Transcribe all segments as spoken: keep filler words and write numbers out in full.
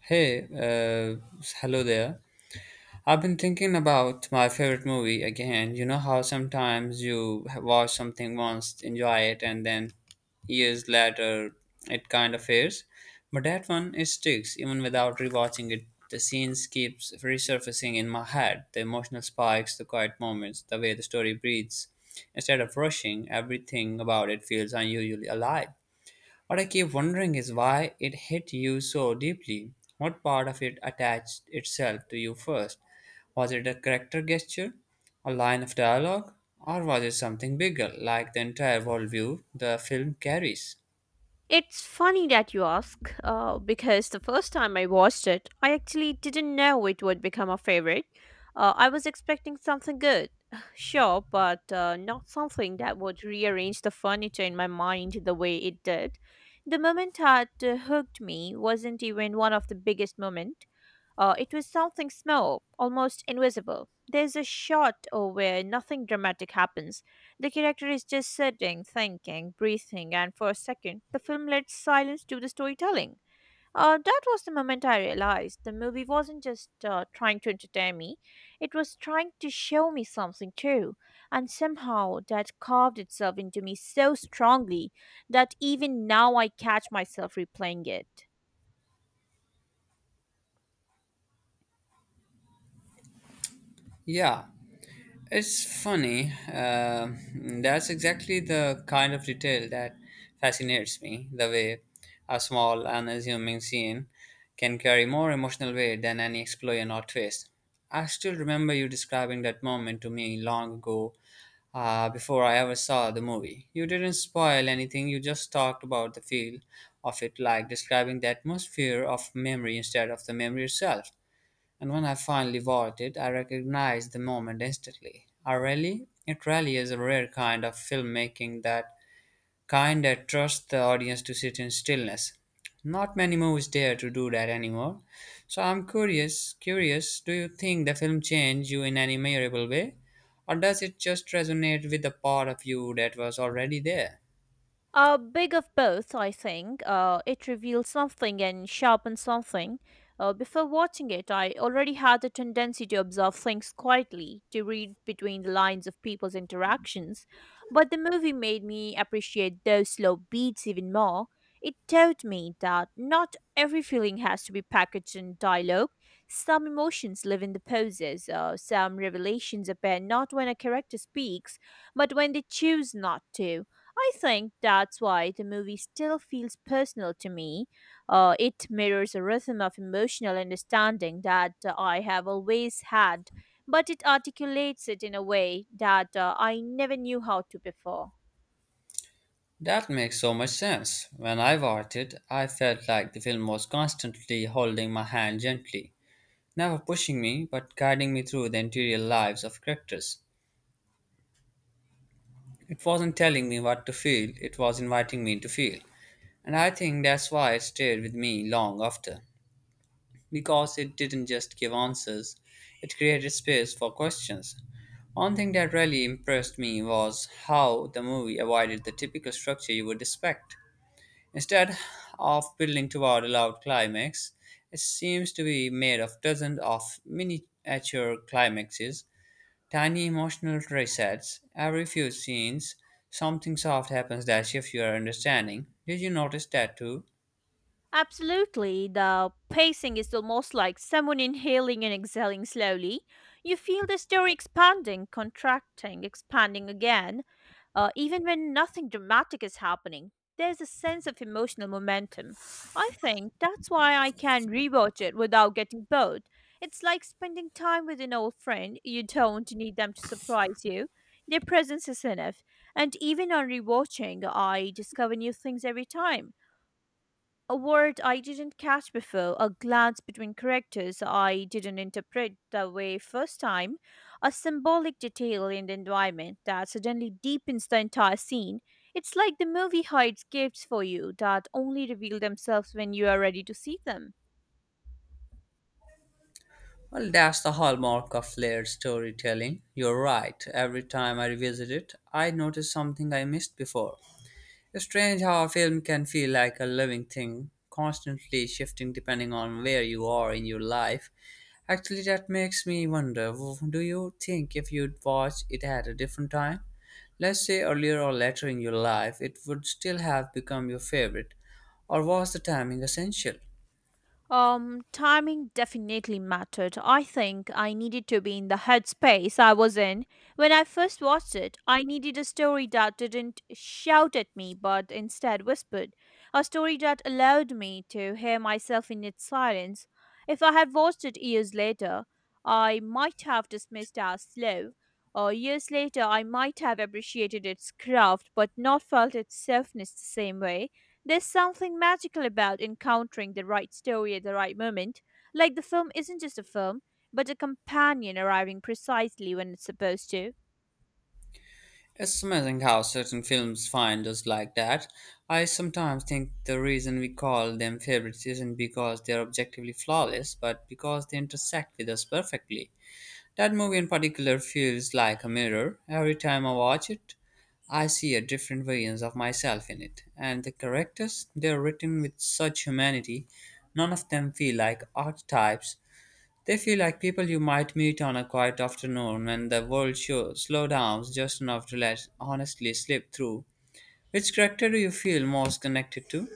Hey, uh, hello there. I've been thinking about my favorite movie again. You know how sometimes you ha- watch something once, enjoy it, and then years later it kind of fades? But that one, it sticks even without rewatching it. The scenes keeps resurfacing in my head, the emotional spikes, the quiet moments, the way the story breathes. Instead of rushing, everything about it feels unusually alive. What I keep wondering is why it hit you so deeply. What part of it attached itself to you first? Was it a character gesture, a line of dialogue, or was it something bigger, like the entire worldview the film carries? It's funny that you ask, uh, because the first time I watched it, I actually didn't know it would become a favorite. Uh, I was expecting something good, sure, but uh, not something that would rearrange the furniture in my mind the way it did. The moment that uh, hooked me wasn't even one of the biggest moments. Uh, it was something small, almost invisible. There's a shot uh, where nothing dramatic happens. The character is just sitting, thinking, breathing, and for a second, the film lets silence do the storytelling. Uh, that was the moment I realized the movie wasn't just uh, trying to entertain me, it was trying to show me something too. And somehow that carved itself into me so strongly that even now I catch myself replaying it. Yeah, it's funny. Uh, that's exactly the kind of detail that fascinates me. The way a small, unassuming scene can carry more emotional weight than any explosion or twist. I still remember you describing that moment to me long ago, uh, before I ever saw the movie. You didn't spoil anything, you just talked about the feel of it, like describing the atmosphere of memory instead of the memory itself. And when I finally bought it, I recognized the moment instantly. Ah, really? It really is a rare kind of filmmaking that kind that trusts the audience to sit in stillness. Not many movies dare to do that anymore. So I'm curious, curious, do you think the film changed you in any memorable way? Or does it just resonate with the part of you that was already there? A big of both, I think. Uh, it reveals something and sharpens something. Uh, before watching it, I already had a tendency to observe things quietly, to read between the lines of people's interactions. But the movie made me appreciate those slow beats even more. It taught me that not every feeling has to be packaged in dialogue. Some emotions live in the poses, uh, some revelations appear not when a character speaks, but when they choose not to. I think that's why the movie still feels personal to me. Uh, it mirrors a rhythm of emotional understanding that uh, I have always had, but it articulates it in a way that uh, I never knew how to before. That makes so much sense. When I watched it, I felt like the film was constantly holding my hand gently, never pushing me, but guiding me through the interior lives of characters. It wasn't telling me what to feel, it was inviting me to feel. And I think that's why it stayed with me long after, because it didn't just give answers, it created space for questions. One thing that really impressed me was how the movie avoided the typical structure you would expect. Instead of building toward a loud climax, it seems to be made of dozens of miniature climaxes. Tiny emotional resets. Every few scenes, something soft happens that shifts your understanding. Did you notice that too? Absolutely. The pacing is almost like someone inhaling and exhaling slowly. You feel the story expanding, contracting, expanding again, uh, even when nothing dramatic is happening. There's a sense of emotional momentum. I think that's why I can rewatch it without getting bored. It's like spending time with an old friend. You don't need them to surprise you. Their presence is enough. And even on rewatching, I discover new things every time. A word I didn't catch before, a glance between characters I didn't interpret the way first time, a symbolic detail in the environment that suddenly deepens the entire scene. It's like the movie hides gifts for you that only reveal themselves when you are ready to see them. Well, that's the hallmark of layered storytelling. You're right. Every time I revisit it, I notice something I missed before. It's strange how a film can feel like a living thing, constantly shifting depending on where you are in your life. Actually, that makes me wonder, w- do you think if you'd watch it at a different time, let's say earlier or later in your life, it would still have become your favorite? Or was the timing essential? Um, timing definitely mattered. I think I needed to be in the headspace I was in when I first watched it. I needed a story that didn't shout at me but instead whispered. A story that allowed me to hear myself in its silence. If I had watched it years later, I might have dismissed it as slow. Or years later, I might have appreciated its craft but not felt its softness the same way. There's something magical about encountering the right story at the right moment. Like the film isn't just a film, but a companion arriving precisely when it's supposed to. It's amazing how certain films find us like that. I sometimes think the reason we call them favorites isn't because they're objectively flawless, but because they intersect with us perfectly. That movie in particular feels like a mirror. Every time I watch it, I see a different variance of myself in it. And the characters, they're written with such humanity. None of them feel like archetypes. They feel like people you might meet on a quiet afternoon when the world show, slow down just enough to let honestly slip through. Which character do you feel most connected to?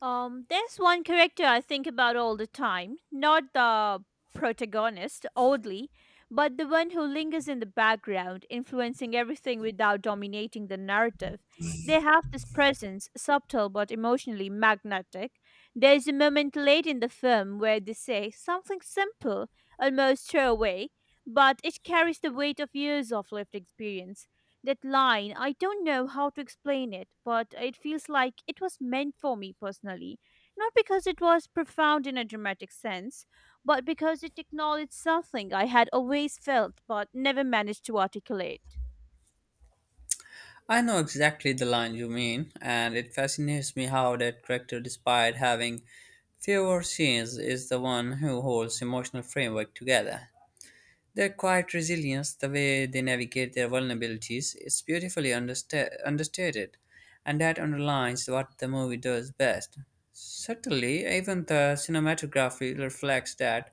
Um, there's one character I think about all the time, not the protagonist, oddly, but the one who lingers in the background, influencing everything without dominating the narrative. They have this presence, subtle but emotionally magnetic. There's a moment late in the film where they say something simple, almost throwaway, but it carries the weight of years of lived experience. That line, I don't know how to explain it, but it feels like it was meant for me personally. Not because it was profound in a dramatic sense, but because it acknowledged something I had always felt but never managed to articulate. I know exactly the line you mean, and it fascinates me how that character, despite having fewer scenes, is the one who holds emotional framework together. Their quiet resilience, the way they navigate their vulnerabilities, is beautifully understa- understated, and that underlines what the movie does best. Certainly, even the cinematography reflects that.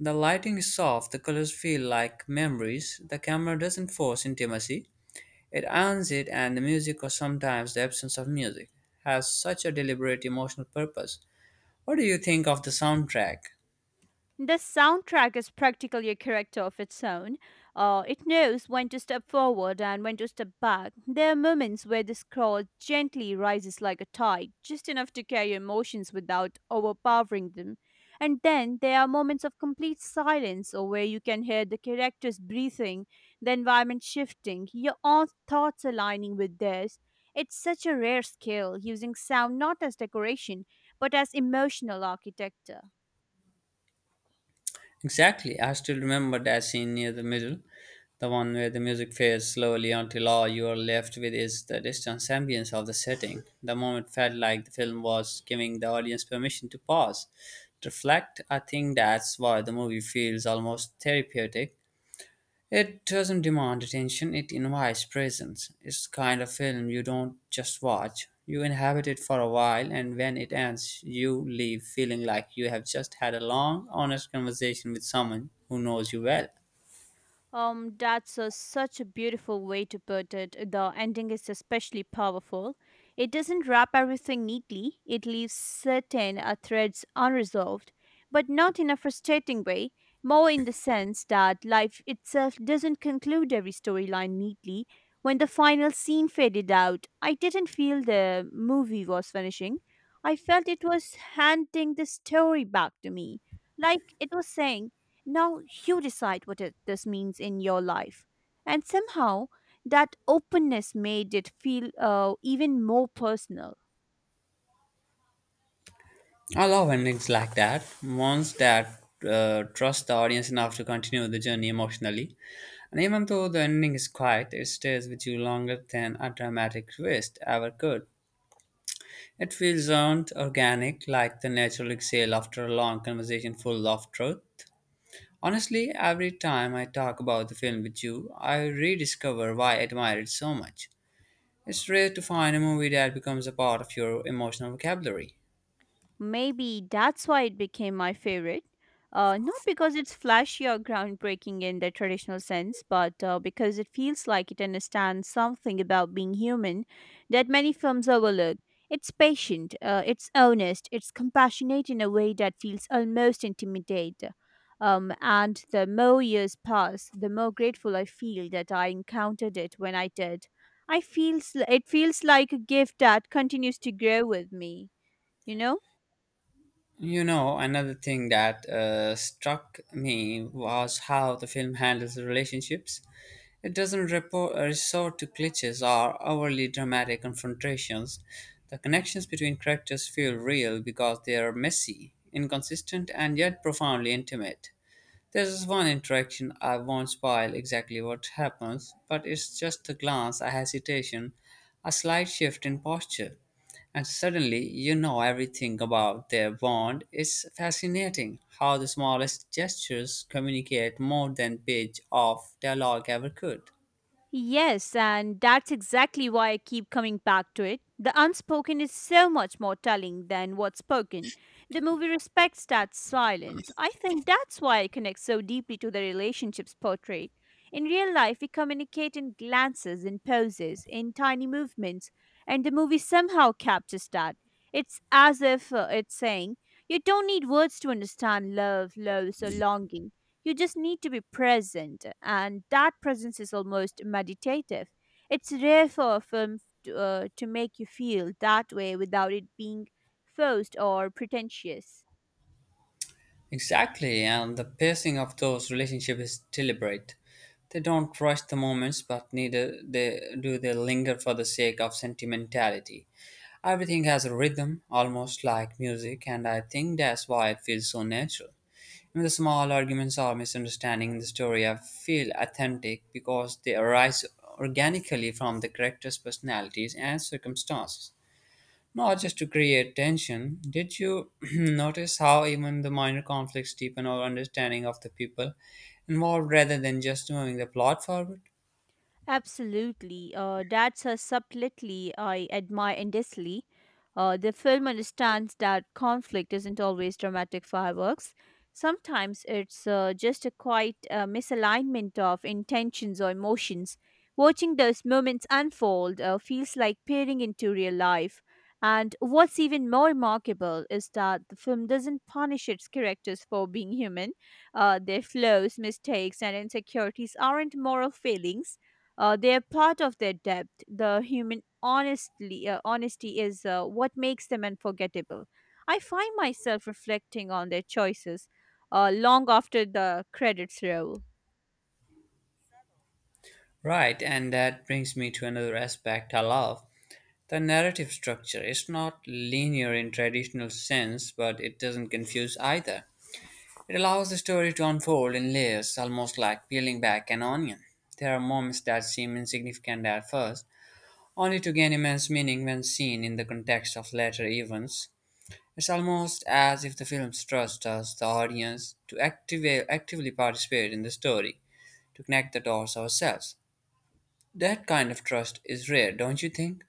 The lighting is soft, the colors feel like memories, the camera doesn't force intimacy, it earns it, and the music, or sometimes the absence of music, has such a deliberate emotional purpose. What do you think of the soundtrack? The soundtrack is practically a character of its own. Uh, it knows when to step forward and when to step back. There are moments where the scroll gently rises like a tide, just enough to carry emotions without overpowering them. And then there are moments of complete silence, or where you can hear the characters breathing, the environment shifting, your own thoughts aligning with theirs. It's such a rare skill, using sound not as decoration, but as emotional architecture. Exactly, I still remember that scene near the middle, the one where the music fades slowly until all you are left with is the distant ambience of the setting. The moment felt like the film was giving the audience permission to pause, to reflect. I think that's why the movie feels almost therapeutic. It doesn't demand attention, it invites presence. It's the kind of film you don't just watch, you inhabit it for a while, and when it ends, you leave feeling like you have just had a long, honest conversation with someone who knows you well. Um, that's a, such a beautiful way to put it. The ending is especially powerful. It doesn't wrap everything neatly, it leaves certain uh, threads unresolved, but not in a frustrating way, more in the sense that life itself doesn't conclude every storyline neatly. When the final scene faded out, I didn't feel the movie was finishing. I felt it was handing the story back to me. Like it was saying, now you decide what it, this means in your life. And somehow that openness made it feel uh, even more personal. I love endings like that, ones that uh, trust the audience enough to continue the journey emotionally. And even though the ending is quiet, it stays with you longer than a dramatic twist ever could. It feels earned, organic, like the natural exhale after a long conversation full of truth. Honestly, every time I talk about the film with you, I rediscover why I admire it so much. It's rare to find a movie that becomes a part of your emotional vocabulary. Maybe that's why it became my favorite. Uh, not because it's flashy or groundbreaking in the traditional sense, but uh, because it feels like it understands something about being human that many films overlook. It's patient, uh, it's honest, it's compassionate in a way that feels almost intimidate. Um, and the more years pass, the more grateful I feel that I encountered it when I did. I feels it feels like a gift that continues to grow with me. You know. You know, another thing that uh, struck me was how the film handles the relationships. It doesn't repo- uh, resort to cliches or overly dramatic confrontations. The connections between characters feel real because they are messy, inconsistent, and yet profoundly intimate. There's this one interaction I won't spoil exactly what happens, but it's just a glance, a hesitation, a slight shift in posture, and suddenly you know everything about their bond. It's fascinating how the smallest gestures communicate more than page of dialogue ever could. Yes, and that's exactly why I keep coming back to it. The unspoken is so much more telling than what's spoken. The movie respects that silence. I think that's why it connects so deeply to the relationships portrayed. In real life, we communicate in glances, in poses, in tiny movements, and the movie somehow captures that. It's as if uh, it's saying, you don't need words to understand love, loss, or longing. You just need to be present, and that presence is almost meditative. It's rare for a film to, uh, to make you feel that way without it being forced or pretentious. Exactly, and the pacing of those relationships is deliberate. They don't rush the moments, but neither they, do they linger for the sake of sentimentality. Everything has a rhythm, almost like music, and I think that's why it feels so natural. Even the small arguments or misunderstanding in the story I feel authentic because they arise organically from the characters' personalities and circumstances. Not just to create tension. Did you notice how even the minor conflicts deepen our understanding of the people involved rather than just moving the plot forward? Absolutely. Uh, that's a subtlety I admire endlessly. Uh, the film understands that conflict isn't always dramatic fireworks. Sometimes it's uh, just a quiet uh, misalignment of intentions or emotions. Watching those moments unfold uh, feels like peering into real life. And what's even more remarkable is that the film doesn't punish its characters for being human. Uh, their flaws, mistakes, and insecurities aren't moral failings, uh, they're part of their depth. The human honestly, uh, honesty is uh, what makes them unforgettable. I find myself reflecting on their choices uh, long after the credits roll. Right, and that brings me to another aspect I love. The narrative structure is not linear in traditional sense, but it doesn't confuse either. It allows the story to unfold in layers, almost like peeling back an onion. There are moments that seem insignificant at first, only to gain immense meaning when seen in the context of later events. It's almost as if the films trust us, the audience, to activa- actively participate in the story, to connect the dots ourselves. That kind of trust is rare, don't you think?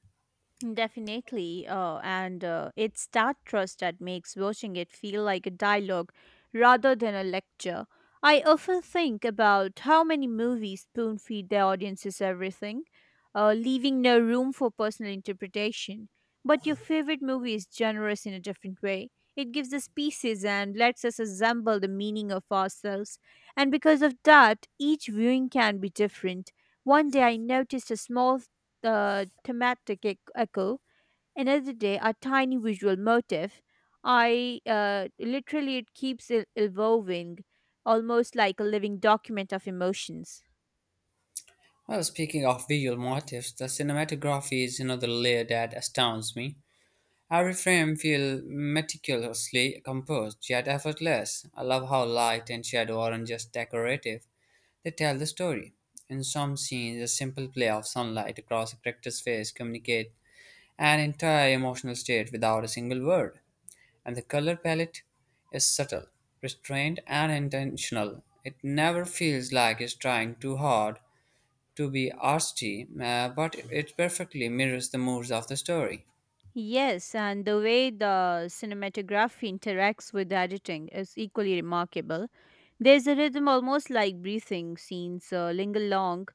Definitely. Uh, and uh, it's that trust that makes watching it feel like a dialogue rather than a lecture. I often think about how many movies spoon feed their audiences everything, uh, leaving no room for personal interpretation. But your favorite movie is generous in a different way. It gives us pieces and lets us assemble the meaning of ourselves. And because of that, each viewing can be different. One day I noticed a small the thematic ec- echo. Another day, a tiny visual motif. I uh, literally, it keeps e- evolving, almost like a living document of emotions. Well, speaking of visual motifs, the cinematography is another layer that astounds me. Every frame feels meticulously composed, yet effortless. I love how light and shadow aren't just decorative, they tell the story. In some scenes, a simple play of sunlight across a character's face communicates an entire emotional state without a single word. And the color palette is subtle, restrained, and intentional. It never feels like it's trying too hard to be artsy, uh, but it perfectly mirrors the moods of the story. Yes, and the way the cinematography interacts with the editing is equally remarkable. There's a rhythm almost like breathing, scenes uh, linger long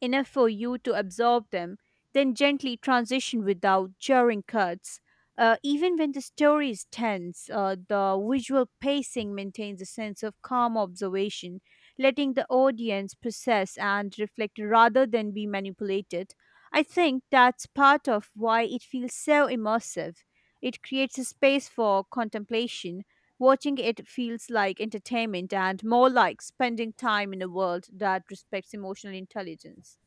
enough for you to absorb them, then gently transition without jarring cuts. Uh, even when the story is tense, uh, the visual pacing maintains a sense of calm observation, letting the audience process and reflect rather than be manipulated. I think that's part of why it feels so immersive. It creates a space for contemplation. Watching it feels like entertainment and more like spending time in a world that respects emotional intelligence.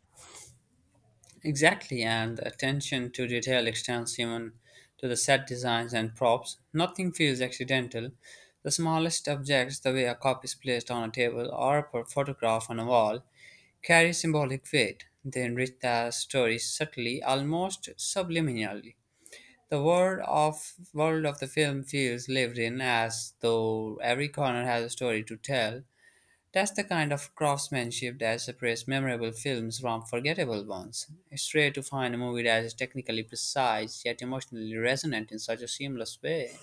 Exactly, and the attention to detail extends even to the set designs and props. Nothing feels accidental. The smallest objects, the way a cup is placed on a table or a p- photograph on a wall, carry symbolic weight. They enrich the story subtly, almost subliminally. The world of world of the film feels lived in, as though every corner has a story to tell. That's the kind of craftsmanship that separates memorable films from forgettable ones. It's rare to find a movie that is technically precise yet emotionally resonant in such a seamless way.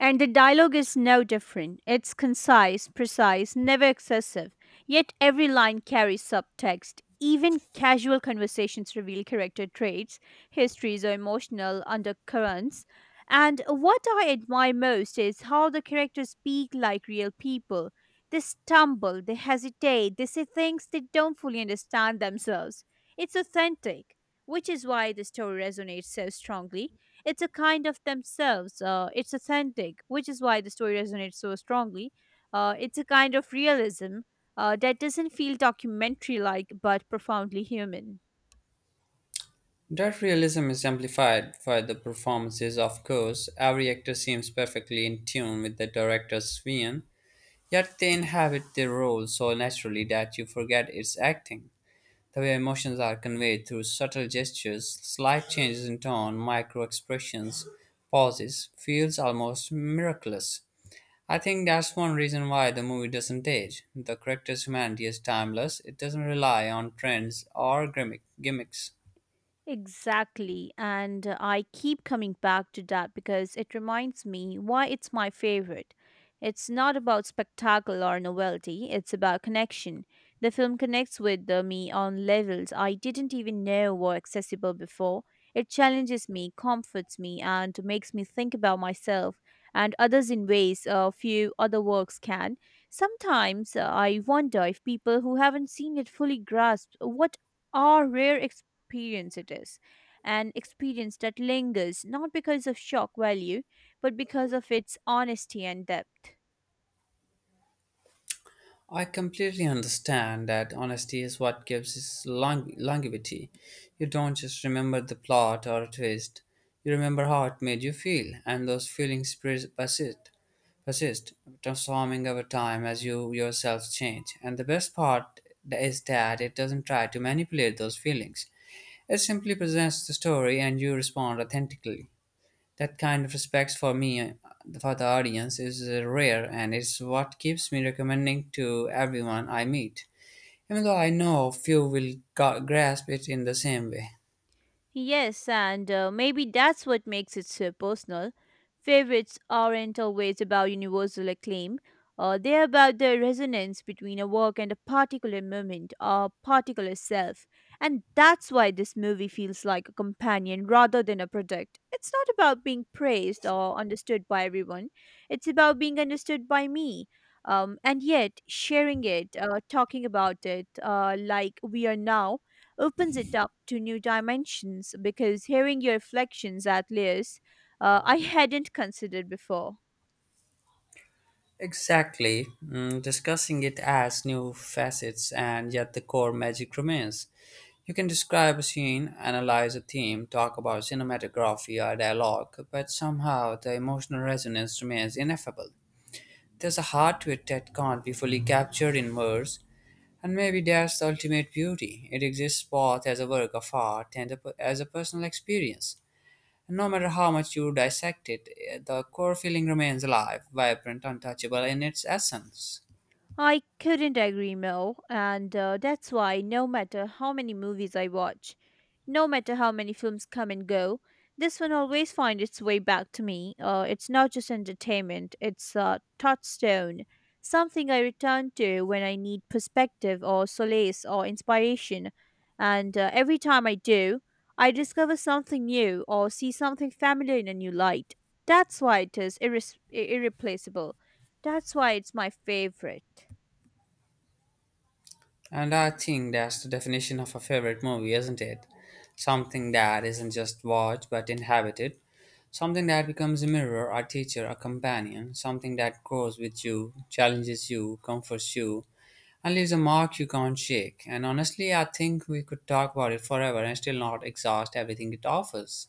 And the dialogue is no different. It's concise, precise, never excessive. Yet every line carries subtext. Even casual conversations reveal character traits, histories, or emotional undercurrents. And what I admire most is how the characters speak like real people. They stumble, they hesitate, they say things they don't fully understand themselves. It's authentic, which is why the story resonates so strongly. It's a kind of themselves. Uh, it's authentic, which is why the story resonates so strongly. Uh, it's a kind of realism uh, that doesn't feel documentary like, but profoundly human. That realism is amplified by the performances, of course. Every actor seems perfectly in tune with the director's vision, yet they inhabit their role so naturally that you forget it's acting. The way emotions are conveyed through subtle gestures, slight changes in tone, micro expressions, pauses, feels almost miraculous. I think that's one reason why the movie doesn't age. The character's humanity is timeless, it doesn't rely on trends or gimmick- gimmicks. Exactly. And uh, I keep coming back to that because it reminds me why it's my favorite. It's not about spectacle or novelty, it's about connection. The film connects with uh, me on levels I didn't even know were accessible before. It challenges me, comforts me, and makes me think about myself and others in ways uh, few other works can. Sometimes uh, I wonder if people who haven't seen it fully grasp what are rare experience it is, an experience that lingers not because of shock value, but because of its honesty and depth. I completely understand that honesty is what gives it long- longevity. You don't just remember the plot or a twist. You remember how it made you feel, and those feelings pres- persist, persist, transforming over time as you yourself change. And the best part is that it doesn't try to manipulate those feelings. It simply presents the story, and you respond authentically. That kind of respect for me, uh, for the audience, is uh, rare, and it's what keeps me recommending to everyone I meet, even though I know few will ga- grasp it in the same way. Yes, and uh, maybe that's what makes it so personal. Favorites aren't always about universal acclaim. Uh, they're about the resonance between a work and a particular moment, a particular self. And that's why this movie feels like a companion rather than a product. It's not about being praised or understood by everyone, it's about being understood by me. Um, and yet, sharing it, uh, talking about it, uh, like we are now, opens it up to new dimensions because hearing your reflections at layers uh, I hadn't considered before. Exactly, mm, discussing it adds new facets and yet the core magic remains. You can describe a scene, analyze a theme, talk about cinematography or dialogue, but somehow the emotional resonance remains ineffable. There's a heart to it that can't be fully captured in words, and maybe that's the ultimate beauty. It exists both as a work of art and a, as a personal experience. And no matter how much you dissect it, eh, the core feeling remains alive, vibrant, untouchable in its essence. I couldn't agree more, and uh, that's why no matter how many movies I watch, no matter how many films come and go, this one always finds its way back to me. Uh, it's not just entertainment, it's a touchstone, something I return to when I need perspective or solace or inspiration. And uh, every time I do, I discover something new or see something familiar in a new light. That's why it is irres- irreplaceable. That's why it's my favorite. And I think that's the definition of a favorite movie, isn't it? Something that isn't just watched but inhabited. Something that becomes a mirror, a teacher, a companion. Something that grows with you, challenges you, comforts you, and leaves a mark you can't shake. And honestly, I think we could talk about it forever and still not exhaust everything it offers.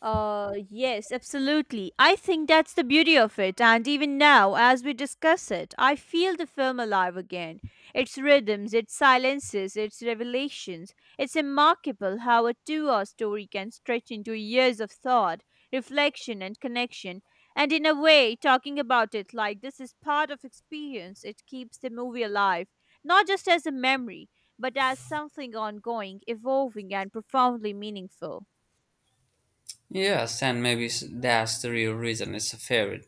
Uh, yes, absolutely. I think that's the beauty of it. And even now, as we discuss it, I feel the film alive again. Its rhythms, its silences, its revelations. It's remarkable how a two hour story can stretch into years of thought, reflection, and connection. And in a way, talking about it like this is part of experience, it keeps the movie alive, not just as a memory, but as something ongoing, evolving, and profoundly meaningful. Yes, and maybe s- that's the real reason it's a favorite.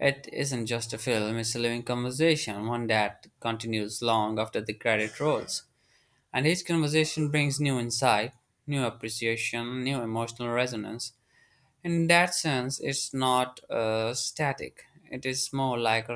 It isn't just a film, it's a living conversation, one that continues long after the credit rolls. And each conversation brings new insight, new appreciation, new emotional resonance. In that sense, it's not uh, static. It is more like a